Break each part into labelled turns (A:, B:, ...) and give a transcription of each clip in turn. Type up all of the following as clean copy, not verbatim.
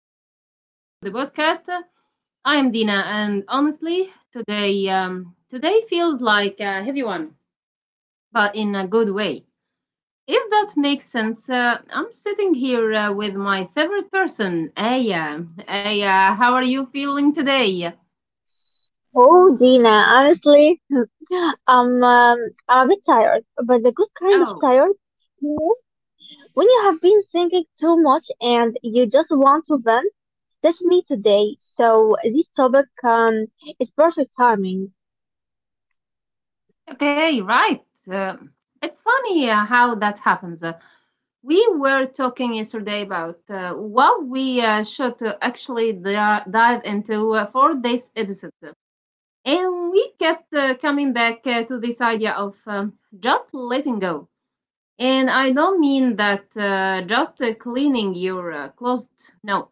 A: Welcome back to the podcast. I am Dina, and honestly, today feels like a heavy one, but in a good way. If that makes sense, I'm sitting here with my favorite person, Aya. Aya, how are you feeling today?
B: Oh, Dina, honestly, I'm um, I'm a bit tired, but the good kind of
A: Oh,
B: tired. You know, when you have been thinking too much and you just want to vent. That's me today. So this topic is perfect timing.
A: okay, right. Uh, it's funny how that happens. We were talking yesterday about what we should dive into for this episode. And we kept coming back to this idea of just letting go. And I don't mean that just cleaning your closet. No.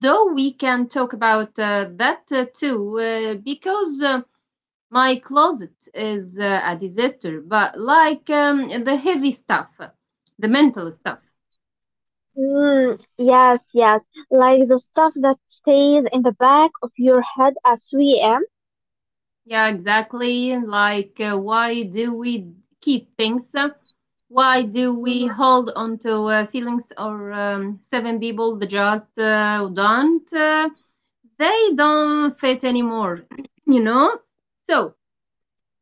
A: Though we can talk about that too, because my closet is a disaster, but like the heavy stuff, the mental stuff.
B: Mm, yes, yes, like the stuff that stays in the back of your head at 3 a.m.
A: Yeah, exactly. Like, why do we keep things? Why do we
B: Mhm,
A: hold on to feelings or seven people that just don't? They don't fit anymore, you know? So,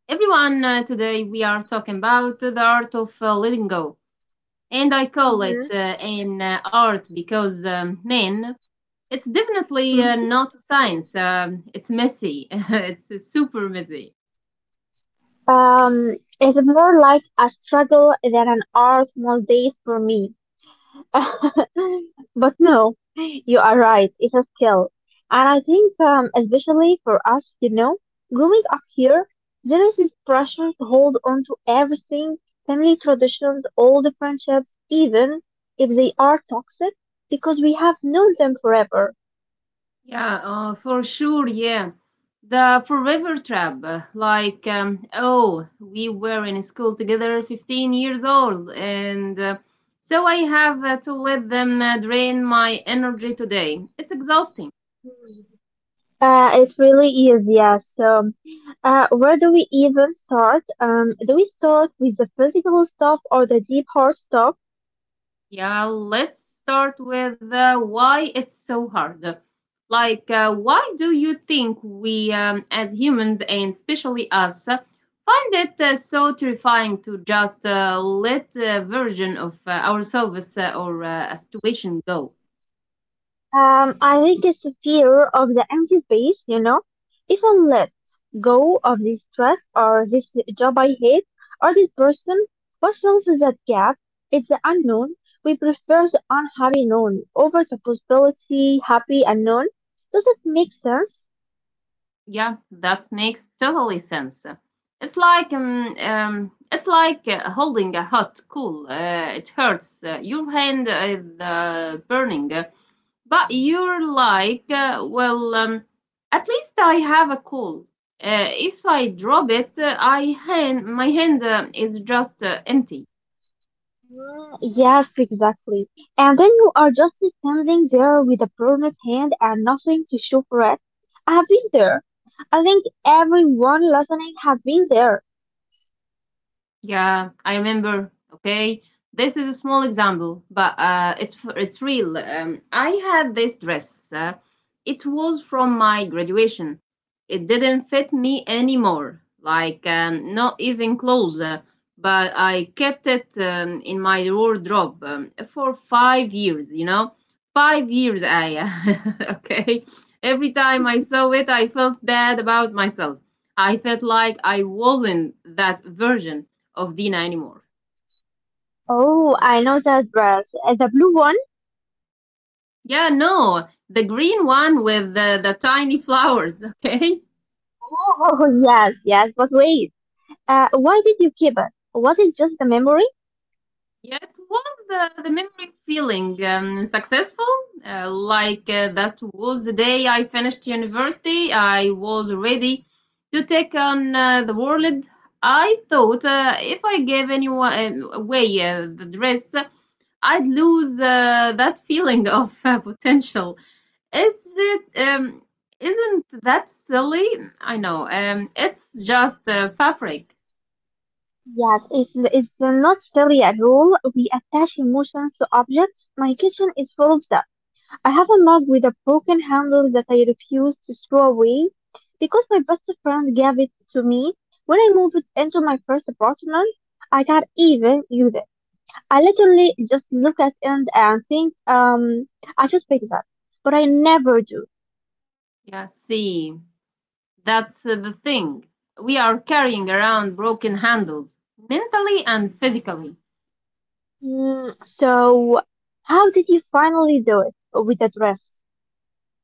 A: everyone, today we are talking about the art of letting go. And I call
B: mhm,
A: it an art because, man, it's definitely
B: mhm.
A: not science. It's messy, it's super messy.
B: It's more like a struggle than an art most days for me. But no, you are right. It's a skill. And I think, especially for us, you know, growing up here, there is this pressure to hold on to everything, family traditions, all the friendships, even if they are toxic, because we have known them forever.
A: Yeah, for sure. Yeah. The Forever Trap. Like, oh, we were in school together, 15 years old, and so I have to let them drain my energy today. It's exhausting.
B: It really is, yes. So, where do we even start? Do we start with the physical stuff or the deep heart stuff?
A: Yeah, let's start with why it's so hard. Like, why do you think we, as humans and especially us, find it so terrifying to just let a version of ourselves or a situation go?
B: I think it's a fear of the empty space, you know. If I let go of this stress or this job I hate or this person, what fills that gap? It's the unknown. We prefer the unhappy known over the possibility happy unknown. Does that make sense?
A: Yeah, that makes totally sense. It's like holding a hot coal. It hurts. Your hand is burning. But you're like, well, at least I have a call. If I drop it, my hand is just empty.
B: Mm, yes, exactly. And then you are just standing there with a burned hand and nothing to show for it. I have been there. I think everyone listening have been there.
A: Yeah, I remember. Okay, this is a small example, but it's real. I had this dress. It was from my graduation. It didn't fit me anymore, like not even close. But I kept it in my wardrobe for 5 years. You know, 5 years. I okay. Every time I saw it, I felt bad about myself. I felt like I wasn't that version of Dina anymore.
B: Oh, I know that dress. The blue one?
A: Yeah, no, the green one with the tiny flowers, okay?
B: Oh, yes, yes, but wait. Why did you keep it? Was it just a memory?
A: Yeah, it was the memory feeling successful. Like that was the day I finished university. I was ready to take on the world. I thought if I gave anyone away the dress, I'd lose that feeling of potential. Is it Isn't that silly? I know. It's just fabric.
B: Yes, it's not silly at all. We attach emotions to objects. My kitchen is full of that. I have a mug with a broken handle that I refuse to throw away because my best friend gave it to me when I moved into my first apartment. I can't even use it. I literally just look at it and think, I should pick that, but I never do.
A: Yeah, see. That's the thing. We are carrying around broken handles mentally and physically.
B: Mm, so, how did you finally do it with the dress?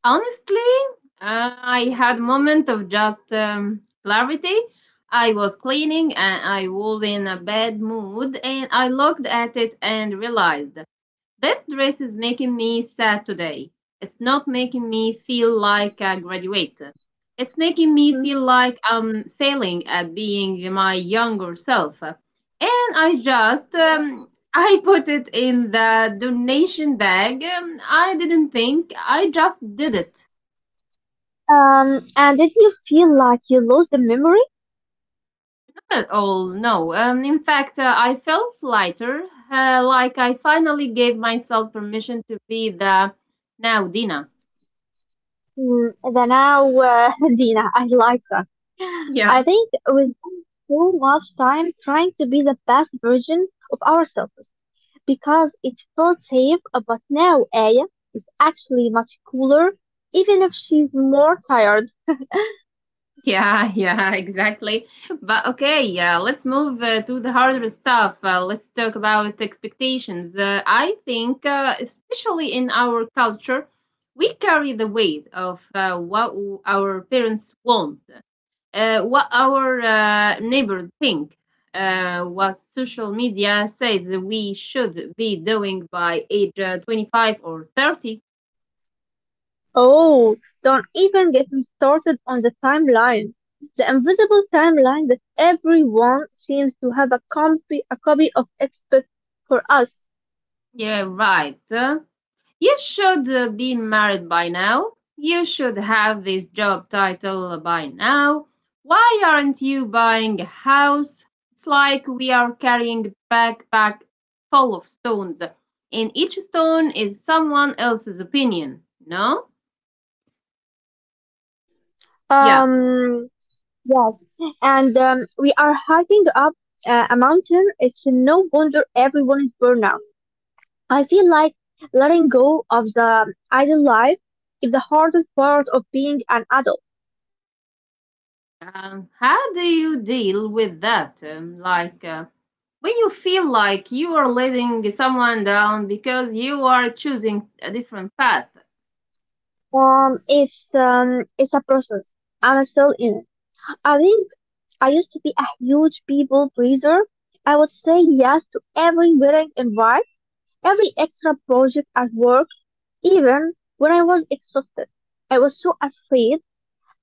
A: Honestly, I had moment of just clarity. I was cleaning and I was in a bad mood and I looked at it and realized this dress is making me sad today. It's not making me feel like a graduate. It's making me
B: Mm.
A: feel like I'm failing at being my younger self. And I just I put it in the donation bag. I didn't think, I just did it.
B: And did you feel like you lost the memory?
A: Not at all, no. In fact, I felt lighter, like I finally gave myself permission to be the now Dina.
B: Mm, then now, Dina, I like that. I
A: Yeah,
B: think we spend so much time trying to be the best version of ourselves because it felt safe, but now Aya is actually much cooler, even if she's more tired.
A: yeah, yeah, exactly. But okay, yeah, let's move to the harder stuff. Let's talk about expectations. I think, especially in our culture, we carry the weight of our parents want, what our neighbor think, what social media says we should be doing by age 25 or 30.
B: Oh, don't even get me started on the timeline. The invisible timeline that everyone seems to have a copy of expert for us.
A: Yeah, right. You should be married by now. You should have this job title by now. Why aren't you buying a house? It's like we are carrying a backpack full of stones, and each stone is someone else's opinion. No? Yeah.
B: Um, yes. And we are hiking up a mountain. It's no wonder everyone is burned out. I feel like letting go of the idle life is the hardest part of being an adult.
A: How do you deal with that? Like, when you feel like you are letting someone down because you are choosing a different path?
B: It's a process. I'm still in it. I think I used to be a huge people pleaser. I would say yes to every wedding invite, every extra project at work, even when I was exhausted. I was so afraid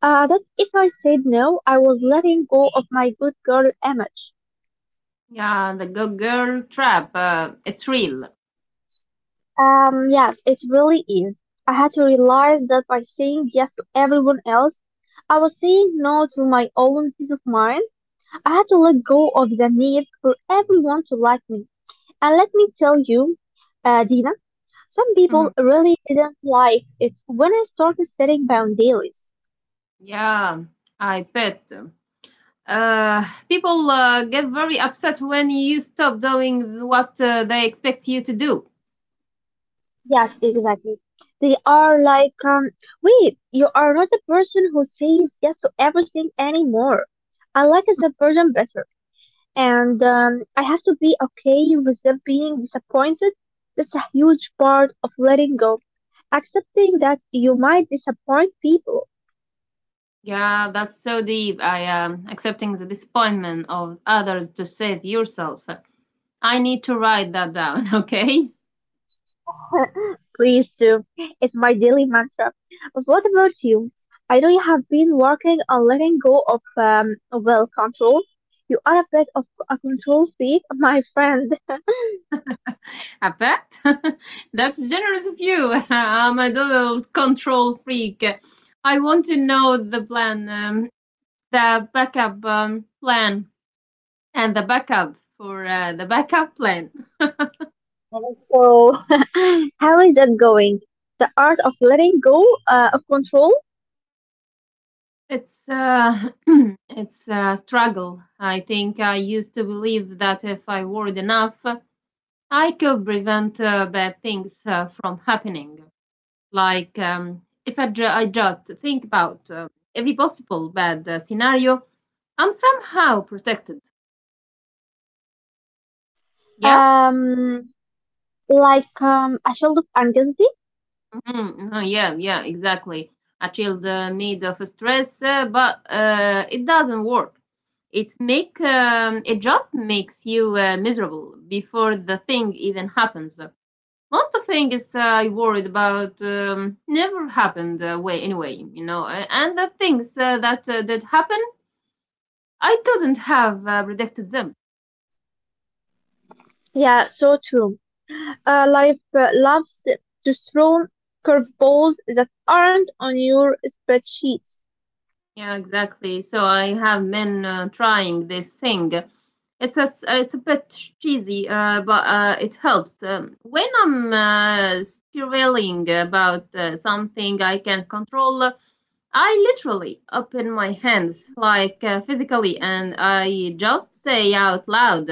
B: that if I said no, I was letting go of my good girl image.
A: Yeah, the go girl trap. It's real.
B: Yes, it really is. I had to realize that by saying yes to everyone else, I was saying no to my own peace of mind. I had to let go of the need for everyone to like me. And let me tell you, Dina, some
A: Mhm.
B: people really didn't like it when I started setting boundaries.
A: Yeah, I bet. People get very upset when you stop doing what they expect you to do.
B: Yes, exactly. They are like, wait, you are not a person who says yes to everything anymore. I like as a person better. And I have to be okay with them being disappointed. That's a huge part of letting go. Accepting that you might disappoint people.
A: Yeah, that's so deep. I am accepting the disappointment of others to save yourself. I need to write that down, okay?
B: Please do. It's my daily mantra. But what about you? I know you have been working on letting go of well, control. You are a bit of a control freak, my friend.
A: I bet. That's generous of you. I'm a little control freak. I want to know the plan. The backup plan and the backup for the backup plan.
B: So, how is that going? The art of letting go of control.
A: It's it's a struggle. I think I used to believe that if I worried enough, I could prevent bad things from happening. Like if I, ju- I just think about every possible bad scenario, I'm somehow protected. Yeah,
B: Um, like a shield of anxiety.
A: mm, uh-huh, yeah, yeah, exactly. A child made of stress, but it doesn't work. It just makes you miserable before the thing even happens. Most of things I worried about never happened way anyway, you know. And the things that did happen, I couldn't have predicted them.
B: Yeah, so true. Life loves to throw curveballs that aren't on your spreadsheets.
A: Yeah, exactly. So I have been trying this thing. It's a bit cheesy, but it helps. When I'm spiraling about something I can't control, I literally open my hands, like physically, and I just say out loud,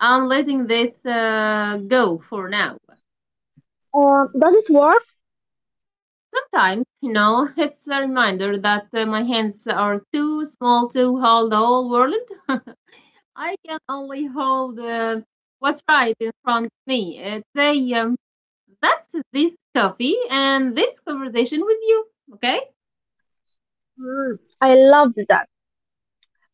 A: "I'm letting this go for now."
B: Does it work?
A: Sometimes, you know, it's a reminder that my hands are too small to hold the whole world. I can only hold what's right in front of me. Say, that's this coffee and this conversation with you, okay?
B: Mm, I love that.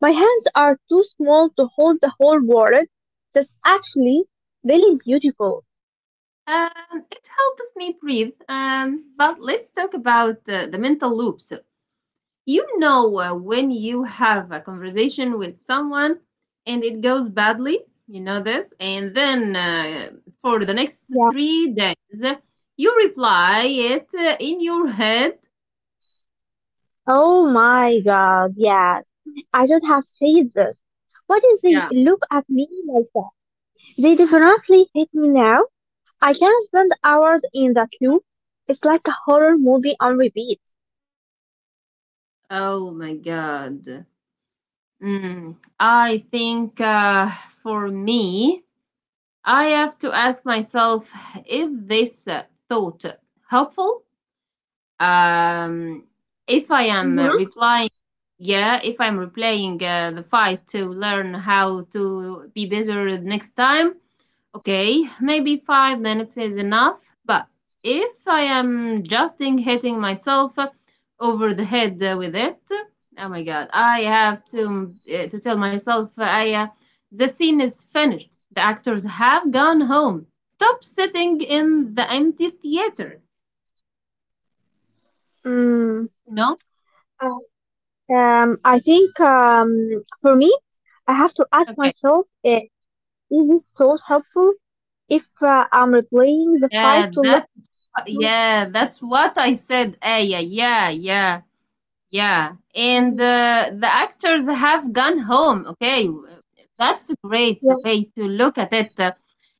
B: My hands are too small to hold the whole world. That's actually really beautiful.
A: Um, it helps me breathe. But let's talk about the mental loops. You know, when you have a conversation with someone and it goes badly, you know this, and then for the next
B: Yeah.
A: 3 days, you reply it in your head.
B: Oh my God. Yes. I should have said this. Why did they
A: Yeah.
B: look at me like that? They definitely hate me now. I can spend hours in that loop. It's like a horror movie on repeat.
A: Oh my God. Mm, I think for me, I have to ask myself is this thought helpful? Um, if I am
B: Mm-hmm.
A: replying, yeah, if I'm replaying the fight to learn how to be better next time, okay, maybe 5 minutes is enough, but if I am just hitting myself over the head with it, oh my god, I have to tell myself I the scene is finished. The actors have gone home. Stop sitting in the empty theater.
B: Mm.
A: No?
B: I think For me, I have to ask
A: Okay.
B: myself is it so helpful if I'm replaying the fight
A: Yeah,
B: to
A: that
B: learn?
A: yeah, that's what I said. Aya, yeah, yeah, yeah. Yeah, and
B: Mm-hmm.
A: the actors have gone home. Okay, that's a great way to look at it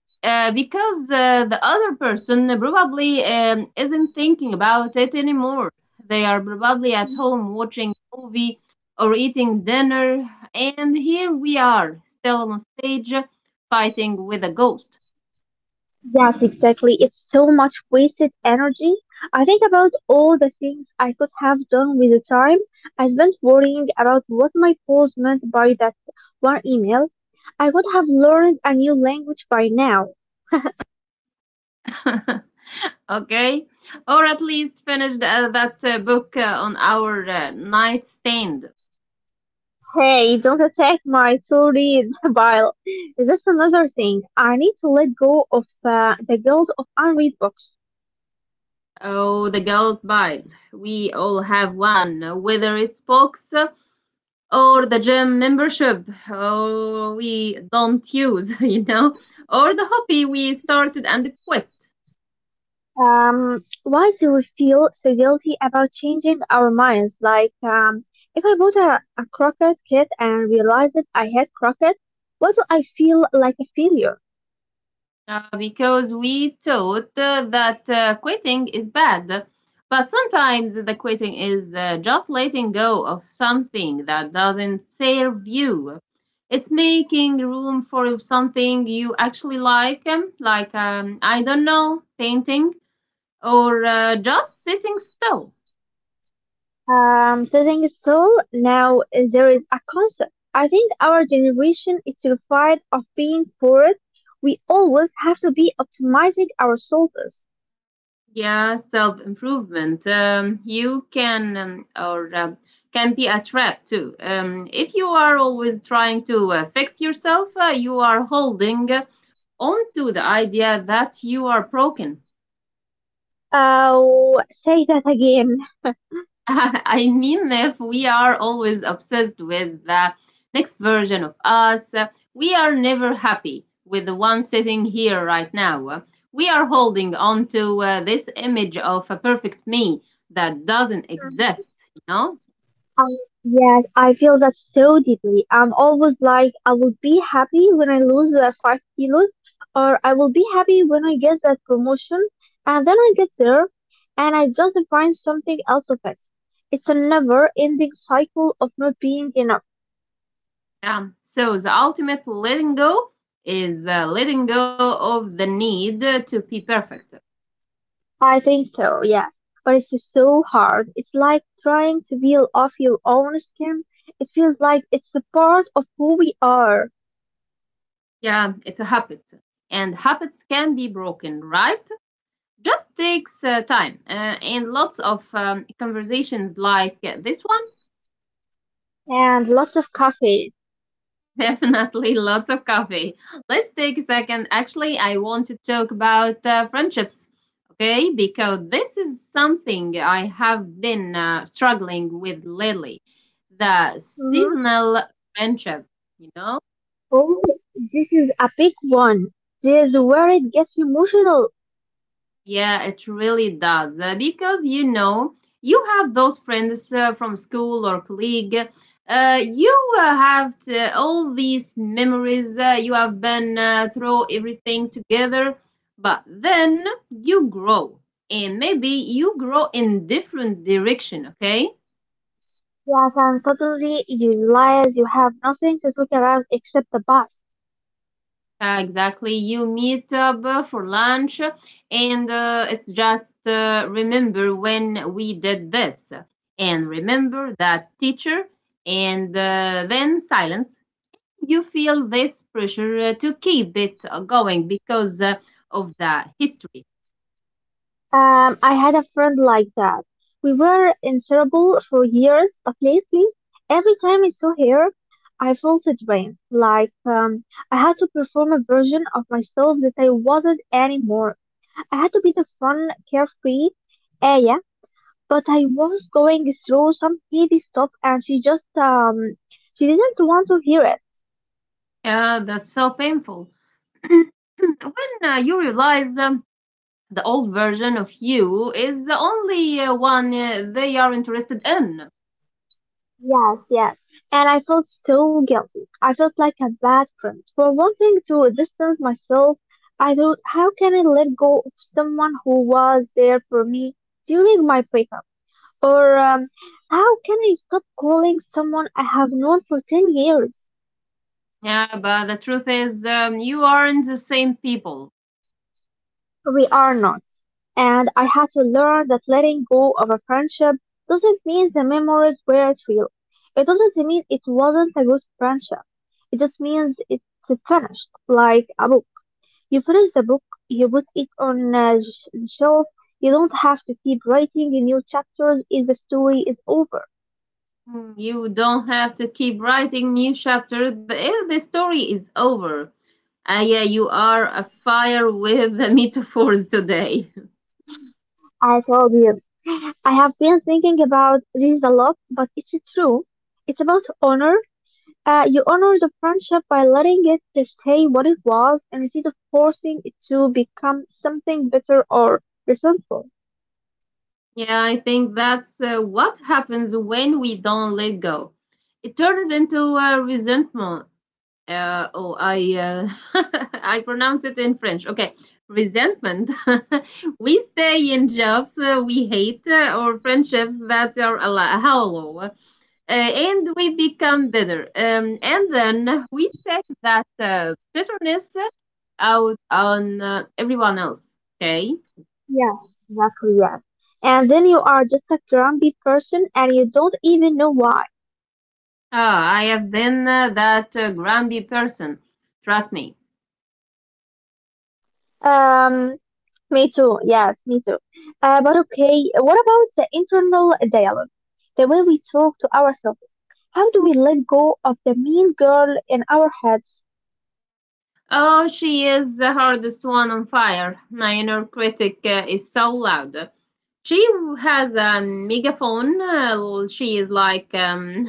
A: because the other person probably isn't thinking about it anymore. They are probably at home watching a movie or eating dinner, and here we are still on stage fighting with a ghost.
B: Yes, exactly. It's so much wasted energy. I think about all the things I could have done with the time I spent worrying about what my boss meant by that one email. I would have learned a new language by now.
A: Okay, or at least finished that book on our nightstand.
B: Hey, don't attack my to-read pile. That's another thing. I need to let go of the guilt of unread books.
A: Oh, the gold bite. We all have one, whether it's books or the gym membership oh, we don't use, you know, or the hobby we started and quit.
B: Why do we feel so guilty about changing our minds? Like, if I bought a croquette kit and realized that I had croquette, what do I feel like a failure?
A: Because we thought that quitting is bad. But sometimes the quitting is just letting go of something that doesn't serve you. It's making room for something you actually like, like, I don't know, painting or just sitting still.
B: The thing is, so now there is a concept. I think our generation is terrified of being poor. We always have to be optimizing our solvers.
A: Yeah, self improvement. You can be a trap too. If you are always trying to fix yourself, you are holding on to the idea that you are broken.
B: Oh, say that again.
A: I mean, if we are always obsessed with the next version of us, we are never happy with the one sitting here right now. We are holding on to this image of a perfect me that doesn't exist, you know?
B: I, yes, I feel that so deeply. I'm always like, I will be happy when I lose the 5 kilos, or I will be happy when I get that promotion, and then I get there, and I just find something else of it. It's a never-ending cycle of not being enough.
A: Yeah. So the ultimate letting go is the letting go of the need to be perfect.
B: I think so. Yeah, but it's just so hard. It's like trying to peel off your own skin. It feels like it's a part of who we are.
A: Yeah, it's a habit. And habits can be broken, right? Just takes time and lots of conversations like this one.
B: And lots of coffee.
A: Definitely lots of coffee. Let's take a second. Actually, I want to talk about friendships, okay? Because this is something I have been struggling with lately. The
B: Mhm.
A: seasonal friendship, you know?
B: Oh, this is a big one. This is where it gets emotional.
A: Yeah, it really does. Because, you know, you have those friends from school or colleague. You have all these memories. You have been through everything together. But then you grow. And maybe you grow in different direction, okay?
B: Yes, and suddenly you realize you have nothing to talk about except the past.
A: Yeah, exactly. You meet up for lunch, and it's just remember when we did this, and remember that teacher, and then silence. You feel this pressure to keep it going because of the history.
B: I had a friend like that. We were inseparable for years, but lately, every time I saw her, I felt a drain. Like, I had to perform a version of myself that I wasn't anymore. I had to be the fun, carefree Aya, but I was going through some heavy stuff and she just she didn't want to hear it.
A: Yeah, that's so painful. When you realize the old version of you is the only one they are interested in.
B: Yes, yes. And I felt so guilty. I felt like a bad friend for wanting to distance myself. I thought, how can I let go of someone who was there for me during my breakup? Or how can I stop calling someone I have known for 10 years?
A: Yeah, but the truth is, you aren't the same people.
B: We are not. And I had to learn that letting go of a friendship doesn't mean the memories weren't real. It doesn't mean it wasn't a good friendship. It just means it's finished, like a book. You finish the book, you put it on a shelf. You don't have to keep writing new chapters if the story is over.
A: Mm, you don't have to keep writing new chapters but if the story is over. Ah, yeah, you are a fire with the metaphors today.
B: I told you. I have been thinking about this a lot, but it's true. It's about honor. You honor the friendship by letting it stay what it was instead of forcing it to become something bitter or resentful.
A: Yeah, I think that's what happens when we don't let go. It turns into resentment. Oh, I, I pronounce it in French, okay? Resentment. We stay in jobs we hate, or friendships that are hollow, and we become bitter, and then we take that bitterness out on everyone else, okay?
B: Yeah, exactly, yes. And then you are just a grumpy person and you don't even know why.
A: Ah, I have been that grumpy person, trust me.
B: Um, Me too, yes, me too. But okay, what about the internal dialogue? The way we talk to ourselves. How do we let go of the mean girl in our heads?
A: Oh, she is the hardest one on fire. My inner critic is so loud. She has a megaphone. She is like,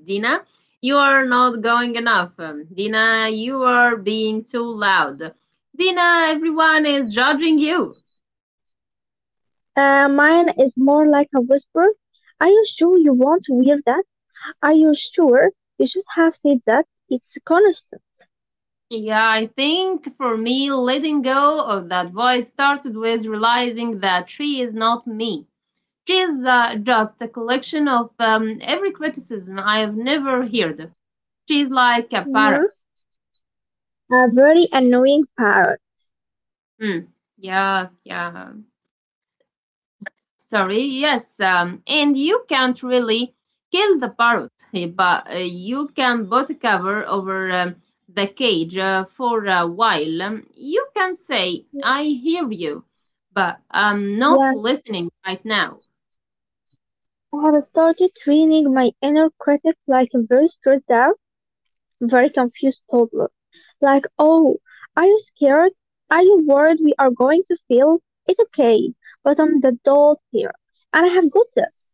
A: Dina, you are not going enough. Dina, you are being too loud. Dina, everyone is judging you.
B: Mine is more like a whisper. Are you sure you want to wear that? Are you sure you should have said that? It's constant.
A: Yeah, I think for me, letting go of that voice started with realizing that she is not me. She is just a collection of every criticism I have never heard. She's like a parrot.
B: Mhm. A very annoying parrot.
A: Mm, yeah, yeah. Sorry, yes. And you can't really kill the parrot, eh, but you can put a cover over the cage for a while. You can say, I hear you, but I'm not
B: Yeah,
A: listening right now.
B: I have started training my inner critic like a very stressed out, very confused toddler. Like, oh, are you scared? Are you worried we are going to fail? It's okay, but I'm the adult here, and I have got this.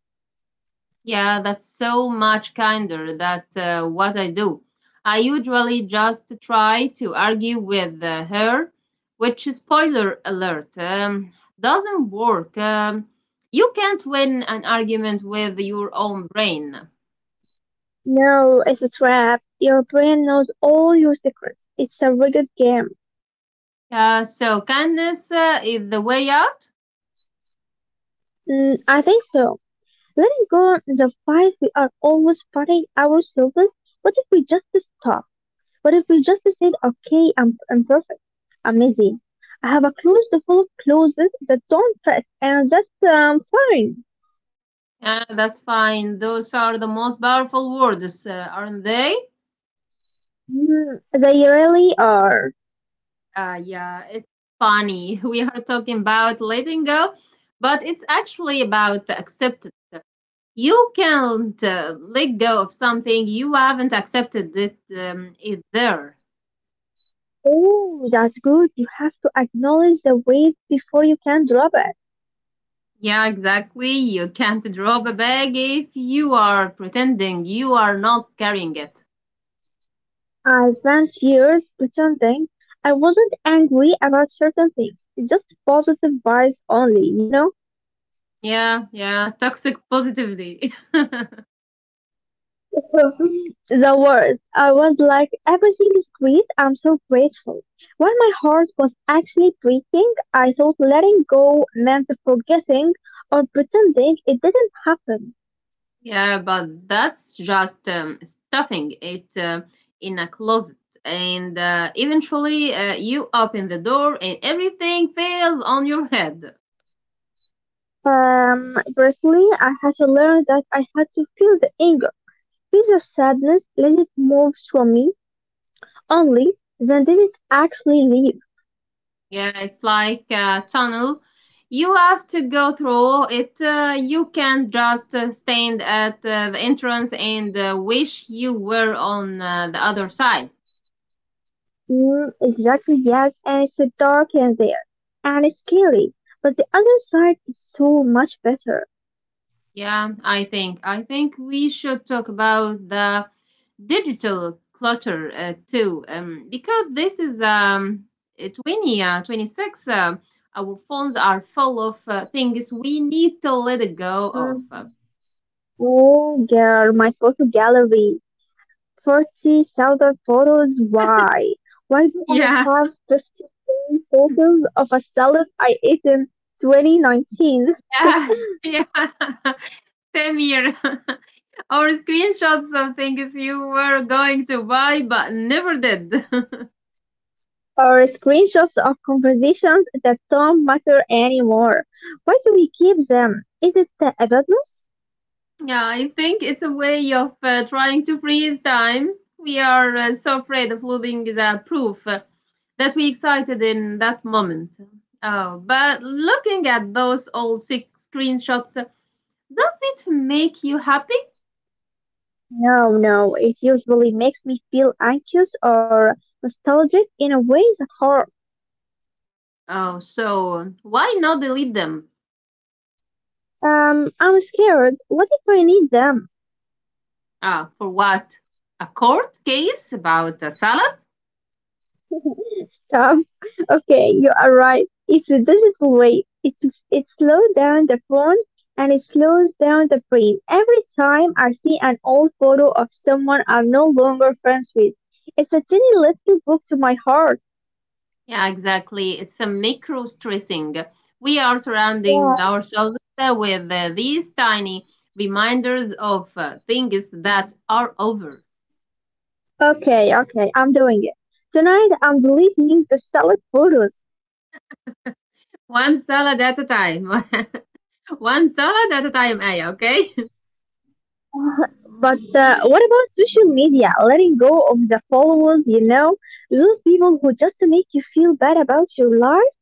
A: Yeah, that's so much kinder that what I do. I usually just try to argue with her, which, spoiler alert, doesn't work. You can't win an argument with your own brain.
B: No, it's a trap. Your brain knows all your secrets. It's a rigged game.
A: So kindness is the way out.
B: Mm, I think so. Letting go is a fight we are always fighting ourselves. What if we just stop? What if we just said, okay, imperfect." am I'm lazy. I have a closet full of clothes that don't fit, and that's fine.
A: That's fine. Those are the most powerful words, aren't they?
B: Mm, they really are.
A: Yeah, it's funny. We are talking about letting go, but it's actually about acceptance. You can't let go of something you haven't accepted it is there.
B: Oh, that's good. You have to acknowledge the weight before you can drop it.
A: Yeah, exactly. You can't drop a bag if you are pretending you are not carrying it.
B: I spent years pretending I wasn't angry about certain things. Just positive vibes only, you know?
A: Yeah, yeah, toxic positively.
B: The worst. I was like, everything is great. I'm so grateful. While my heart was actually breaking, I thought letting go meant forgetting or pretending it didn't happen.
A: Yeah, but that's just stuffing it in a closet. And eventually you open the door and everything falls on your head.
B: Personally, I had to learn that I had to feel the anger, feel the sadness, let it move from me. Only then did it actually leave.
A: Yeah, it's like a tunnel. You have to go through it. You can not just stand at the entrance and wish you were on the other side.
B: Mm, exactly, yes, and it's so dark in there, and it's scary, but the other side is so much better.
A: Yeah, I think we should talk about the digital clutter too, because this is 20 26, our phones are full of things we need to let it go
B: Mm.
A: of.
B: Oh, girl, my photo gallery, 40,000 photos, why? Why do I
A: Yeah,
B: have 53 photos of a salad I ate in 2019,
A: yeah. Yeah. Same here. Or screenshots of things you were going to buy but never did.
B: or screenshots of conversations that don't matter anymore? Why do we keep them? Is it the evidence?
A: Yeah, I think it's a way of trying to freeze time. We are so afraid of losing the proof that we excited in that moment. Oh, but looking at those old six screenshots, does it make you happy?
B: No, no, it usually makes me feel anxious or nostalgic in a way that hurt.
A: Oh, so why not delete them?
B: I'm scared. What if I need them?
A: Ah, for what? A court case about a salad?
B: Stop. Okay, you are right. It's a digital way. It slows down the phone and it slows down the brain. Every time I see an old photo of someone I'm no longer friends with, it's a tiny little book to my heart.
A: Yeah, exactly. It's a micro stressing. We are
B: Yeah.
A: surrounding ourselves with these tiny reminders of things that are over.
B: Okay, okay, I'm doing it. Tonight I'm deleting the solid photos.
A: One salad at a time. One salad at a time, Aya, okay?
B: But what about social media? Letting go of the followers, those people who just make you feel bad about your life.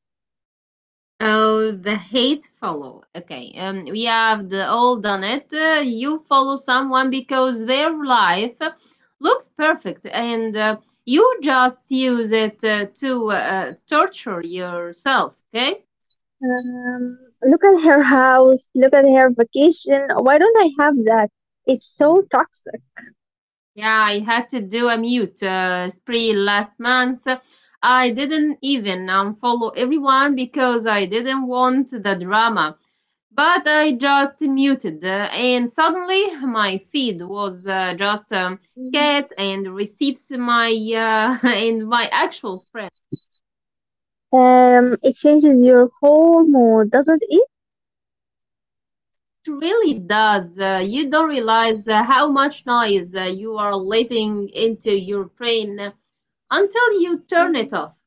A: Oh, the hate follow. Okay, we have the all done it. You follow someone because their life looks perfect, and you just use it to torture yourself. Okay.
B: Um, Look at her house, look at her vacation. Why don't I have that? It's so toxic.
A: Yeah, I had to do a mute spree last month. I didn't even unfollow everyone because I didn't want the drama, but I just muted, and suddenly my feed was just cats
B: Mhm.
A: and receives my and my actual friends.
B: It changes your whole mood, doesn't it?
A: It really does. You don't realize how much noise you are letting into your brain until you turn it off.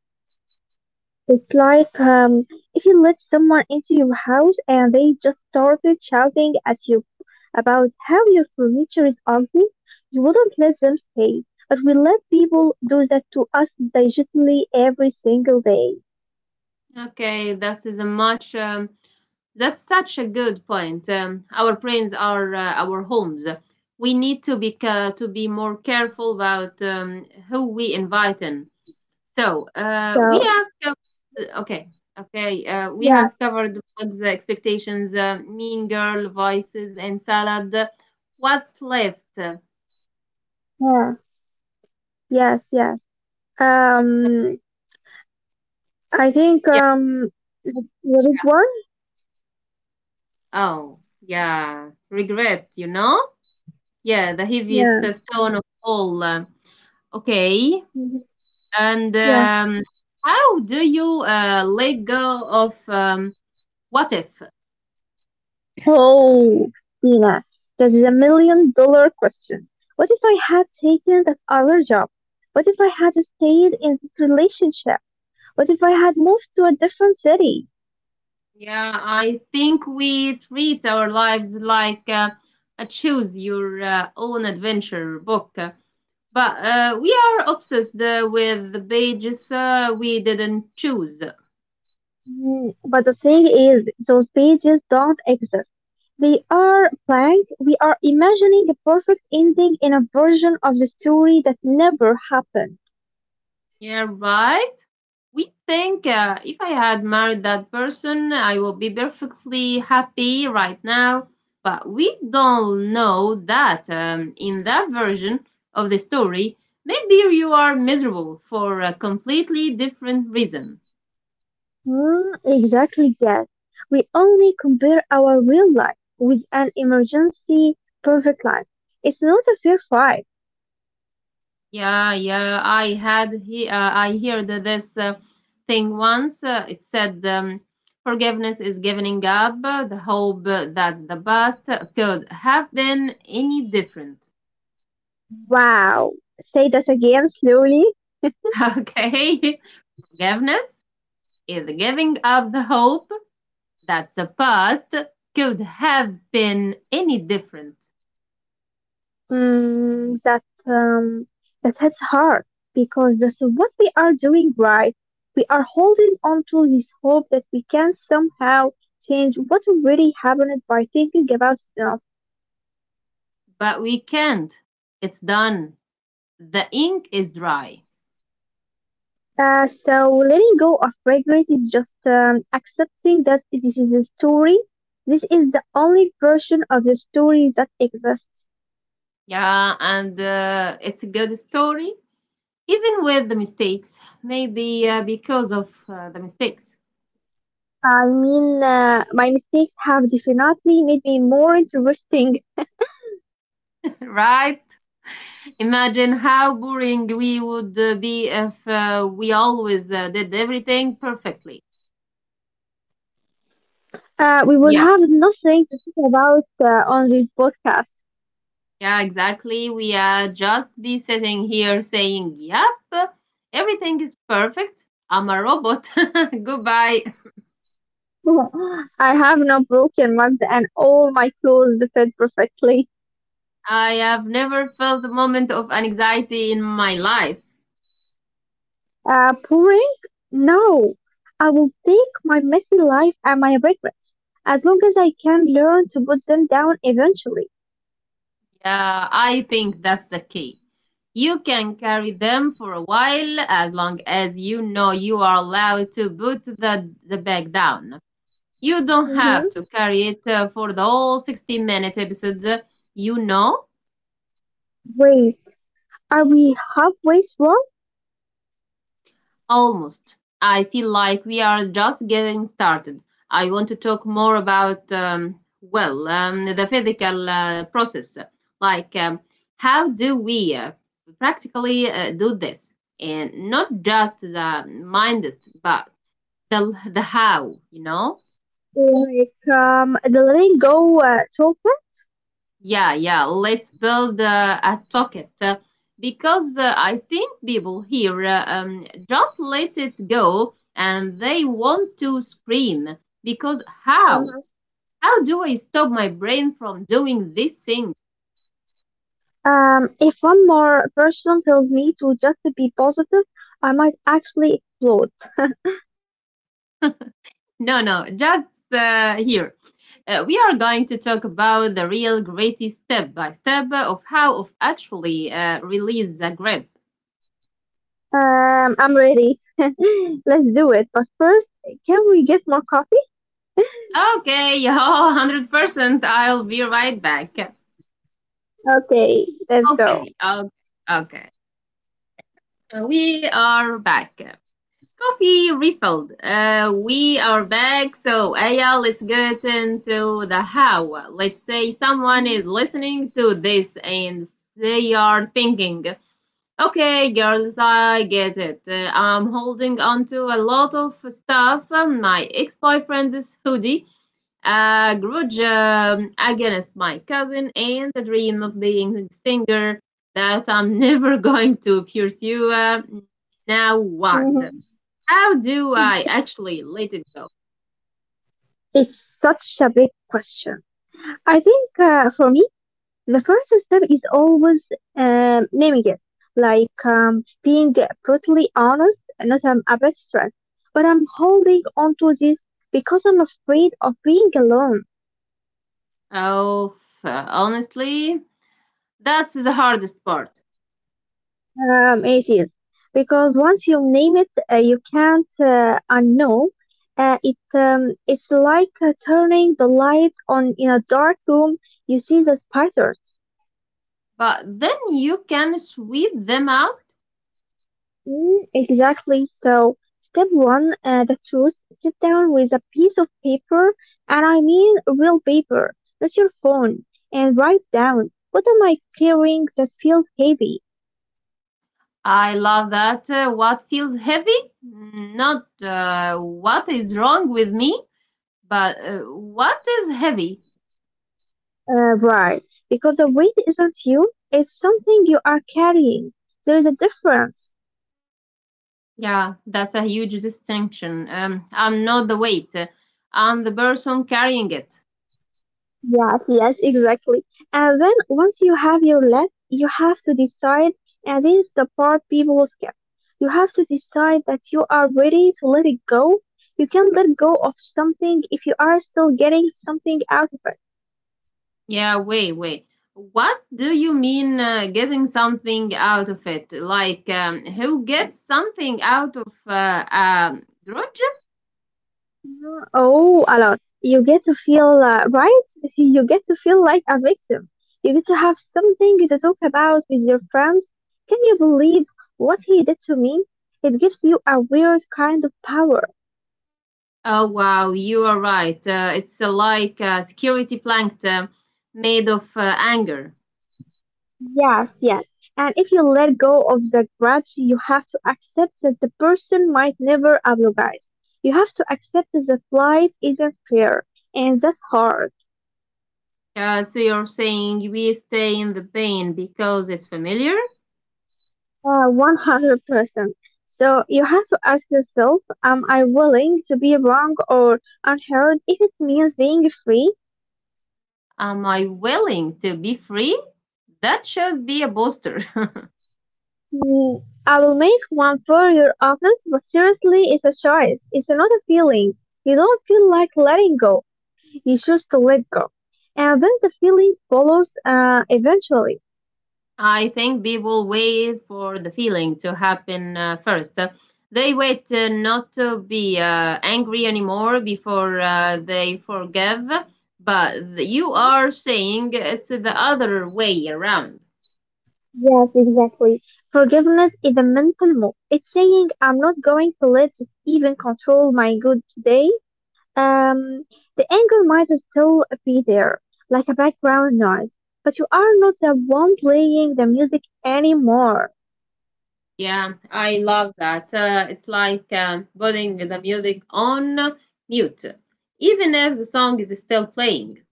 B: It's like if you let someone into your house and they just started shouting at you about how your furniture is ugly, you wouldn't let them stay. But we let people do that to us digitally every single day.
A: Okay, that is a much. That's such a good point. Our brains are our homes. We need to be to be more careful about who we invite in. So
B: So
A: okay, okay. We
B: yeah,
A: have covered bugs, expectations, mean girl voices, and salad. What's left? Yeah,
B: yeah, yes, yes. Um, I think the big
A: yeah.
B: one.
A: Oh, yeah. Regret, you know? Yeah, the heaviest
B: Yeah,
A: stone of all. Okay.
B: mhm,
A: And
B: yeah.
A: um, how do you let go of what if?
B: Oh, Tina, that is a million-dollar question. What if I had taken that other job? What if I had stayed in this relationship? What if I had moved to a different city?
A: Yeah, I think we treat our lives like a choose your own adventure book. But we are obsessed with the pages we didn't choose.
B: But the thing is, those pages don't exist. They are blank. We are imagining a perfect ending in a version of the story that never happened.
A: Yeah, right? We think if I had married that person, I would be perfectly happy right now. But we don't know that, in that version of the story, maybe you are miserable for a completely different reason.
B: Hmm, exactly, yes. We only compare our real life with an emergency perfect life. It's not a fair fight.
A: Yeah, yeah, I heard this thing once. It said, forgiveness is giving up the hope that the past could have been any different.
B: Wow. Say that again slowly.
A: Okay. Forgiveness is the giving of the hope that the past could have been any different.
B: That um, that hits hard because that's what we are doing right. We are holding on to this hope that we can somehow change what already happened by thinking about.
A: But we can't. It's done. The ink is dry.
B: So letting go of regret is just accepting that this is the story. This is the only version of the story that exists.
A: Yeah, and it's a good story, even with the mistakes. Maybe because of the mistakes.
B: I mean, my mistakes have definitely made me more interesting.
A: Right? Imagine how boring we would be if we always did everything perfectly.
B: We would
A: Yeah.
B: have nothing to talk about on this podcast.
A: Yeah, exactly. We are just be sitting here saying, yep, everything is perfect. I'm a robot. Goodbye.
B: I have no broken ribs and all my clothes fit perfectly.
A: I have never felt a moment of anxiety in my life.
B: Pouring. No. I will take my messy life and my regrets, as long as I can learn to put them down eventually.
A: Yeah, I think that's the key. You can carry them for a while as long as you know you are allowed to put the bag down. You don't have
B: Mm-hmm.
A: to carry it for the whole 60-minute episode. You know.
B: Wait, are we halfway through?
A: Almost. I feel like we are just getting started. I want to talk more about, well, the physical process. Like, how do we practically do this? And not just the mindest, but the how, you know?
B: Like the letting go toolkit?
A: Yeah, yeah. Let's build a token, because I think people here just let it go and they want to scream because how?
B: Mhm.
A: How do I stop my brain from doing this thing?
B: If one more person tells me to just to be positive, I might actually explode.
A: No, no, just here. We are going to talk about the real gritty step by step of how of actually release the grip.
B: I'm ready. Let's do it. But first, can we get more coffee?
A: Okay, 100%. I'll be right back.
B: Okay, let's go.
A: Okay, okay, okay. We are back. Coffee refilled. We are back. So, Aya, let's get into the how. Let's say someone
B: Mhm.
A: is listening to this and they are thinking, okay, girls, I get it. I'm holding on to a lot of stuff. My ex boyfriend's hoodie, a grudge against my cousin, and the dream of being a singer that I'm never going to pursue. Now what?
B: Mhm.
A: How do I actually let it go?
B: It's such a big question. I think for me, the first step is always naming it, like being brutally honest, not abstract. But I'm holding on to this because I'm afraid of being alone.
A: Oh, honestly, that's the hardest part.
B: It is because once you name it, you can't unknow. It's like turning the light on in a dark room. You see the pattern.
A: But then you can sweep them out.
B: Mm, exactly. So, step one, the truth. Sit down with a piece of paper, and I mean real paper, not your phone, and write down, what am I carrying that feels heavy?
A: I love that. What feels heavy, not what is wrong with me, but what is heavy.
B: Right. Because the weight isn't you, it's something you are carrying. There is a difference.
A: Yeah, that's a huge distinction. I'm not the weight. I'm the person carrying it.
B: Yes, yes, exactly. And then once you have your list, you have to decide, and this is the part people skip. You have to decide that you are ready to let it go. You can't let go of something if you are still getting something out of it.
A: Yeah, wait, wait. What do you mean getting something out of it? Like, who gets something out of grudge?
B: Mm, oh, a lot. You get to feel, right? You get to feel like a victim. You get to have something to talk about with your friends. Can you believe what he did to me? It gives you a weird kind of power.
A: Oh, wow, you are right. It's like a security blanket made of anger.
B: Yes, yes. And if you let go of the grudge, you have to accept that the person might never apologize. You have to accept that life isn't fair, and that's hard,
A: So you're saying we stay in the pain because it's familiar?
B: 100%. So you have to ask yourself, am I willing to be wrong or unheard if it means being free?
A: Am I willing to be free? That should be a booster.
B: Mm, I will make one for your office, but seriously, it's a choice. It's not a feeling. You don't feel like letting go. You choose to let go. And then the feeling follows eventually.
A: I think people wait for the feeling to happen first. They wait not to be angry anymore before they forgive, but you
B: Mhm.
A: are saying it's the other way around.
B: Yes, exactly. Forgiveness is a mental move. It's saying I'm not going to let this even control my good today. Um, the anger might still be there, like a background noise, but you are not the one playing the music anymore.
A: Yeah, I love that. It's like, putting the music on mute, even if the song is still playing.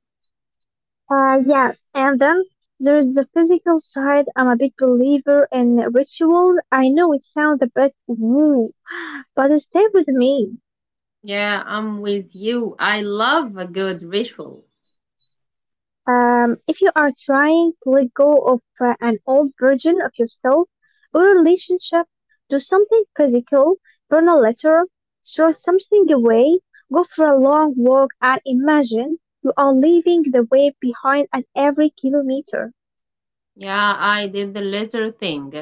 B: Yes, and then there is the physical side. I'm a big believer in rituals. I know it sounds a bit woo, but stay with me.
A: Yeah, I'm with you. I love a good ritual.
B: If you are trying to let go of an old version of yourself or relationship, do something physical, burn a letter, throw something away, go for a long walk, and imagine you are leaving the weight behind at every kilometer.
A: Yeah, I did the little thing.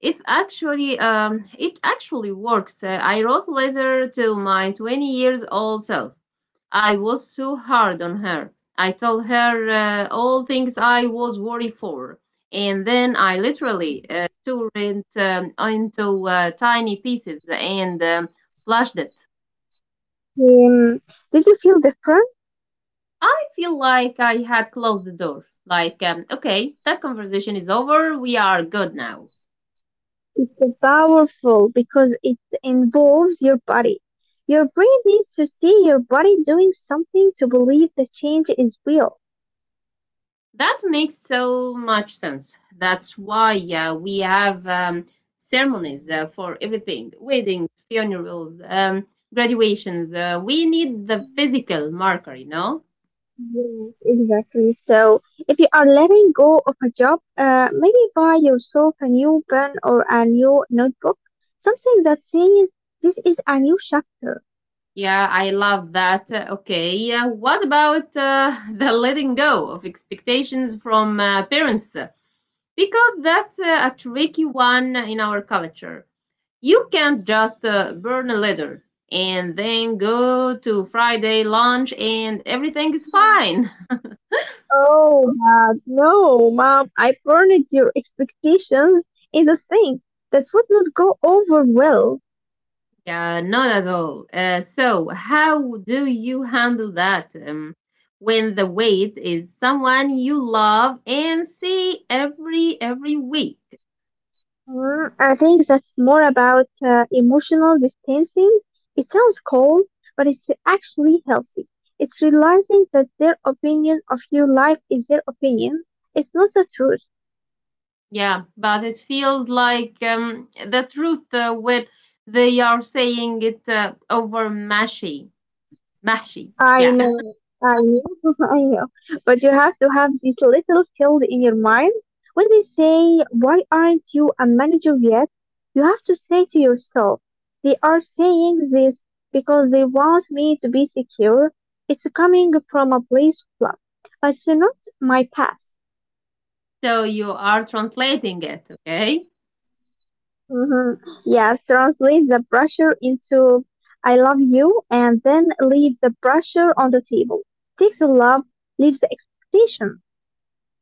A: It actually works. I wrote a letter to my 20 years old self. I was so hard on her. I told her all things I was worried for, and then I literally tore it, into tiny pieces and flushed it.
B: Um, did you feel different?
A: I feel like I had closed the door. Like, okay, that conversation is over. We are good now.
B: It's so powerful because it involves your body. Your brain needs to see your body doing something to believe the change is real.
A: That makes so much sense. That's why we have ceremonies for everything: weddings, funerals, graduations. We need the physical marker, you know?
B: Yes, exactly. So if you are letting go of a job, maybe buy yourself a new pen or a new notebook, something that says this is a new chapter.
A: Yeah, I love that. Okay, yeah, what about the letting go of expectations from parents? Because that's a tricky one in our culture. You can't just burn a letter and then go to Friday lunch and everything is fine.
B: Oh, Dad, no, Mom, I burned your expectations in the thing. That would not go over well.
A: Yeah, not at all. So, how do you handle that when the weight is someone you love and see every week?
B: Mm, I think that's more about emotional distancing. It sounds cold, but it's actually healthy. It's realizing that their opinion of your life is their opinion. It's not the truth.
A: Yeah, but it feels like the truth when they are saying it over mashy, mashy.
B: I
A: Yeah.
B: know, I know, I know. But you have to have this little field in your mind. When they say, why aren't you a manager yet? You have to say to yourself, they are saying this because they want me to be secure. It's coming from a place of love, but it's not my past.
A: So you are translating it, okay?
B: Hmm, yes, translate the pressure into I love you and then leave the pressure on the table. Take the love, leave the expectation.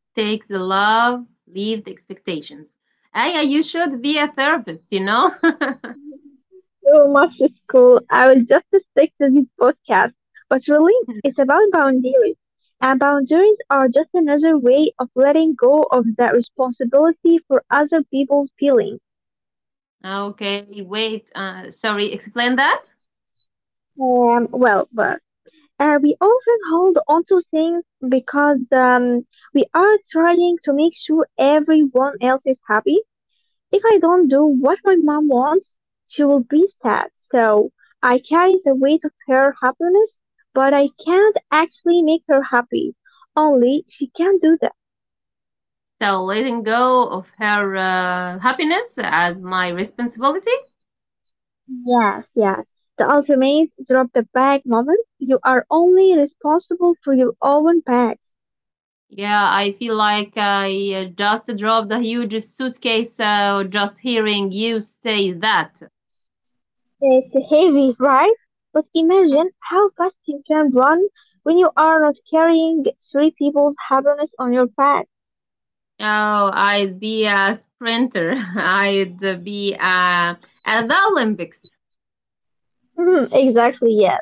A: Take the love, leave the expectations. Aya, you should be a therapist, you know?
B: So much school. I will just stick to this podcast. But really, it's about boundaries. And boundaries are just another way of letting go of that responsibility for other people's feelings.
A: Okay, wait, sorry, explain that.
B: Well, but we often hold on to things because we are trying to make sure everyone else is happy. If I don't do what my mom wants, she will be sad. So I carry the weight of her happiness, but I can't actually make her happy. Only she can do that.
A: So, letting go of her happiness as my responsibility.
B: Yes, yes. The ultimate drop the bag moment. You are only responsible for your own bags.
A: Yeah, I feel like I just dropped a huge suitcase just hearing you say that.
B: It's heavy, right? But imagine how fast you can run when you are not carrying three people's happiness on your back.
A: Oh, I'd be a sprinter. I'd be at the Olympics.
B: Hmm, exactly, yes.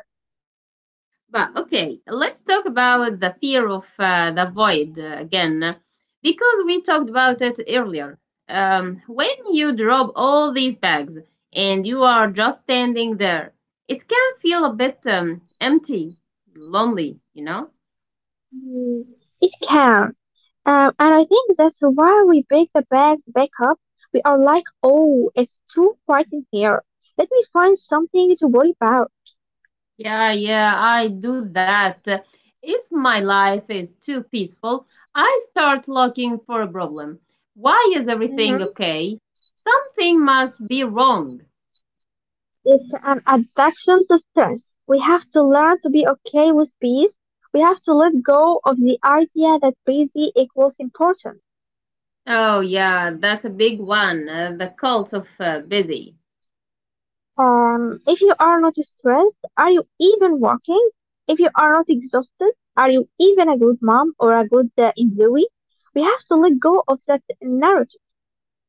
A: But okay, let's talk about the fear of the void again, because we talked about it earlier. When you drop all these bags and you are just standing there, it can feel a bit empty, lonely, you know?
B: Hmm, it can. And I think that's why we break the bags back up. We are like, oh, it's too quiet in here. Let me find something to worry about.
A: Yeah, yeah, I do that. If my life is too peaceful, I start looking for a problem. Why is everything
B: Hmm.
A: okay? Something must be wrong.
B: It's an addiction to stress. We have to learn to be okay with peace. We have to let go of the idea that busy equals important.
A: Oh, yeah, that's a big one. The cult of busy.
B: If you are not stressed, are you even working? If you are not exhausted, are you even a good mom or a good employee? We have to let go of that narrative.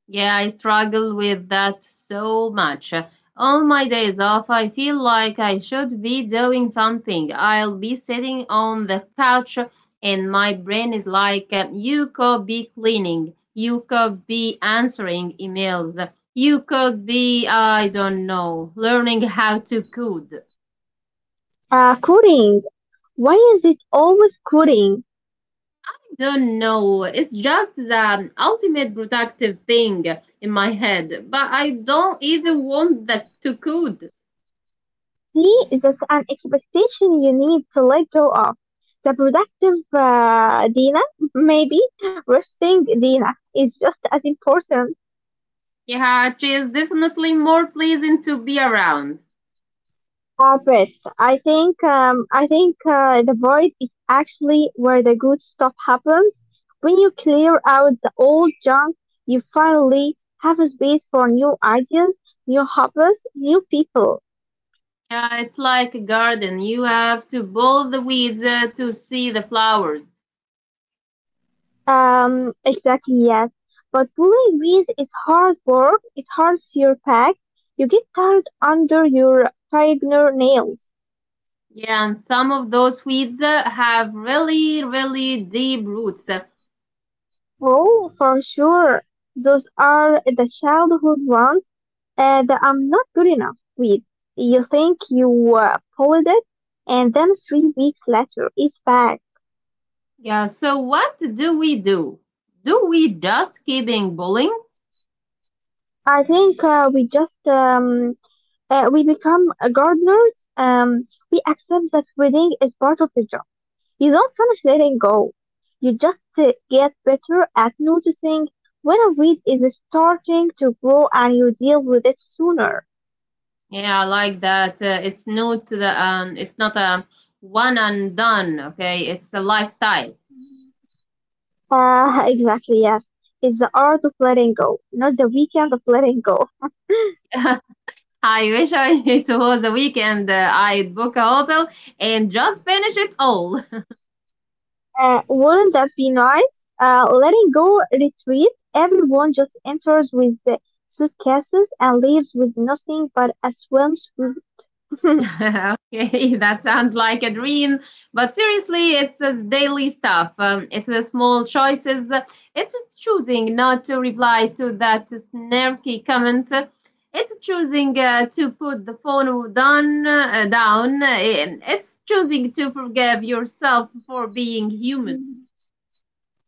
A: Yeah, I struggle with that so much. On my days off, I feel like I should be doing something. I'll be sitting on the couch, and my brain is like, you could be cleaning, you could be answering emails, you could be, I don't know, learning how to code.
B: Coding. Why is it always coding?
A: Don't know. It's just the ultimate productive thing in my head, but I don't even want that to code.
B: See, that's an expectation you need to let go of. The productive Dina, maybe resting Dina, is just as important.
A: Yeah, she is definitely more pleasing to be around.
B: But I think the void is actually where the good stuff happens. When you clear out the old junk, you finally have a space for new ideas, new hobbies, new people.
A: Yeah, it's like a garden. You have to pull the weeds to see the flowers.
B: Exactly, yes. But pulling bees is hard work. It hurts your back. You get tired under your tiger nails.
A: Yeah, and some of those weeds have really, really deep roots.
B: Oh, for sure. Those are the childhood ones that I'm not good enough with. You think you pulled it, and then three weeks later, it's back.
A: Yeah, so what do we do? Do we just keep being bullying?
B: I think we become gardeners. We accept that reading is part of the job. You don't punish letting go. You just get better at noticing when a weed is starting to grow and you deal with it sooner.
A: Yeah, I like that. It's not the, it's not a one and done. Okay, it's a lifestyle.
B: Exactly, yes. It's the art of letting go, not the weekend of letting go.
A: I wish I it was a weekend. I'd book a hotel and just finish it all.
B: Wouldn't that be nice? Letting go retreat. Everyone just enters with the suitcases and leaves with nothing but a swimsuit.
A: Okay, that sounds like a dream, but seriously, it's daily stuff. It's the small choices. It's choosing not to reply to that snarky comment. It's choosing to put the phone down. Down. It's choosing to forgive yourself for being human.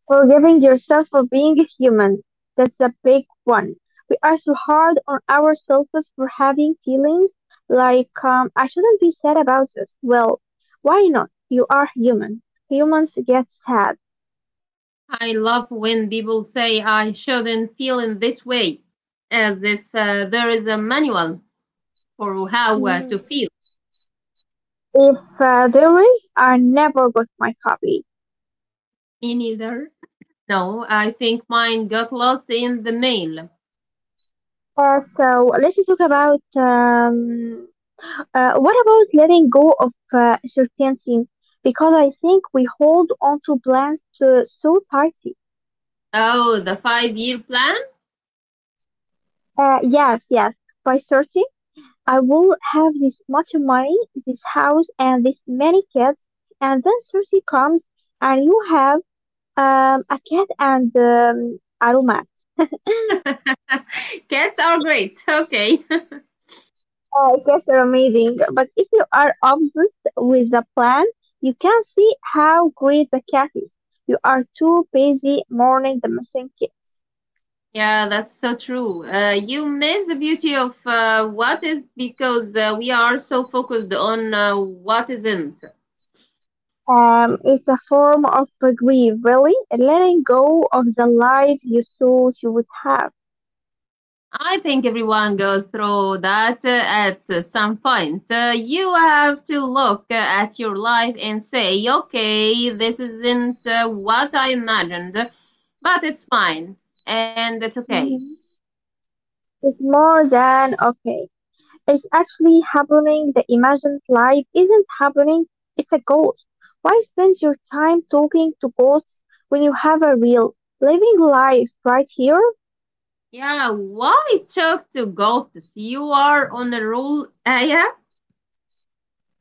B: Forgiving yourself for being human. That's a big one. We are so hard on ourselves for having feelings like, I shouldn't be sad about this. Well, why not? You are human. Humans get sad.
A: I love when people say I shouldn't feel in this way, as if there is a manual for how to
B: Mm,
A: feel.
B: if there is, I never got my copy.
A: Me neither. No, I think mine got lost in the mail.
B: So let's talk about what about letting go of certainty? Because I think we hold on to plans to, so tight.
A: Oh, the 5-year plan?
B: Yes, yes. By 30, I will have this much money, this house, and this many kids. And then 30 comes, and you have a cat and a romance.
A: Cats are great. Okay.
B: Cats are amazing. But if you are obsessed with the plan, you can see how great the cat is. You are too busy mourning the missing kid.
A: Yeah, that's so true. You miss the beauty of what is because we are so focused on what isn't.
B: It's a form of grief, really, letting go of the life you thought you would have.
A: I think everyone goes through that at some point. You have to look at your life and say, okay, this isn't what I imagined, but it's fine and it's okay.
B: Mm-hmm. It's more than okay. It's actually happening. The imagined life isn't happening. It's a ghost. Why spend your time talking to ghosts when you have a real living life right here?
A: Yeah, why it took to ghosts? You are on a roll, Aya.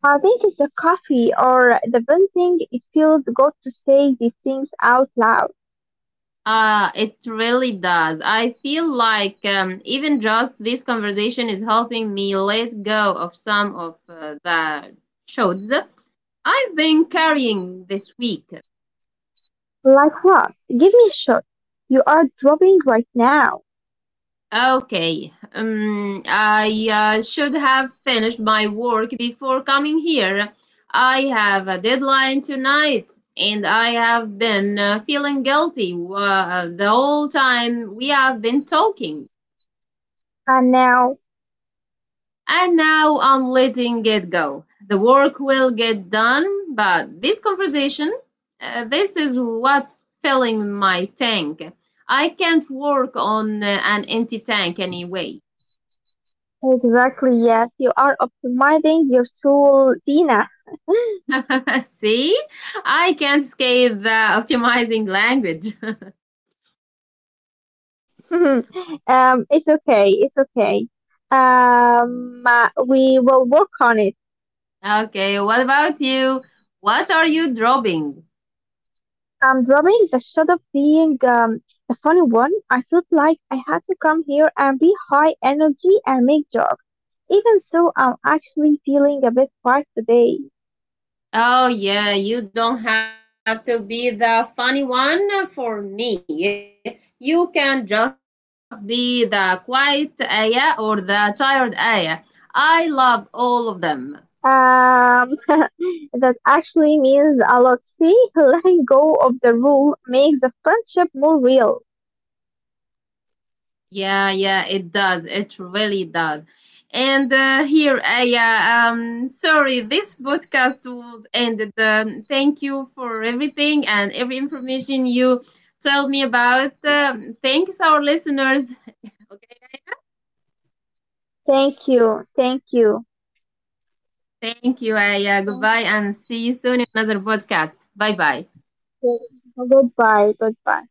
B: I think it's the coffee or the venting. It feels good to say these things out loud.
A: It really does. I feel like even just this conversation is helping me let go of some of the shoulds I've been
B: Mhm.
A: carrying this week.
B: Like what? Give me a shot. You are dropping right now.
A: Okay, I should have finished my work before coming here. I have a deadline tonight, and I have been feeling guilty the whole time we have been talking.
B: And now,
A: And now I'm letting it go. The work will get done, but this conversation, this is what's filling my tank. I can't work on an empty tank anyway.
B: exactly, yes, you are optimizing your soul, Dina.
A: See, I can't escape the optimizing language.
B: Mhm. It's okay, it's okay. We will work on it.
A: Okay, what about you? What are you dropping?
B: I'm dropping the shot of being the funny one. I felt like I had to come here and be high energy and make jokes. Even so, I'm actually feeling a bit tired today.
A: Oh, yeah, you don't have to be the funny one for me. You can just be the quiet Aya or the tired Aya. I love all of them.
B: Um, that actually means a lot. See, letting go of the rule makes the friendship more real.
A: Yeah, yeah, it does. It really does. And here, Aya, sorry, this podcast was ended. Thank you for everything and every information you told me about. Thanks, our listeners. Okay,
B: Thank you, thank you.
A: thank you, Aya. Goodbye,
B: Thank
A: and see you soon in another podcast. Bye bye.
B: you. Goodbye, goodbye.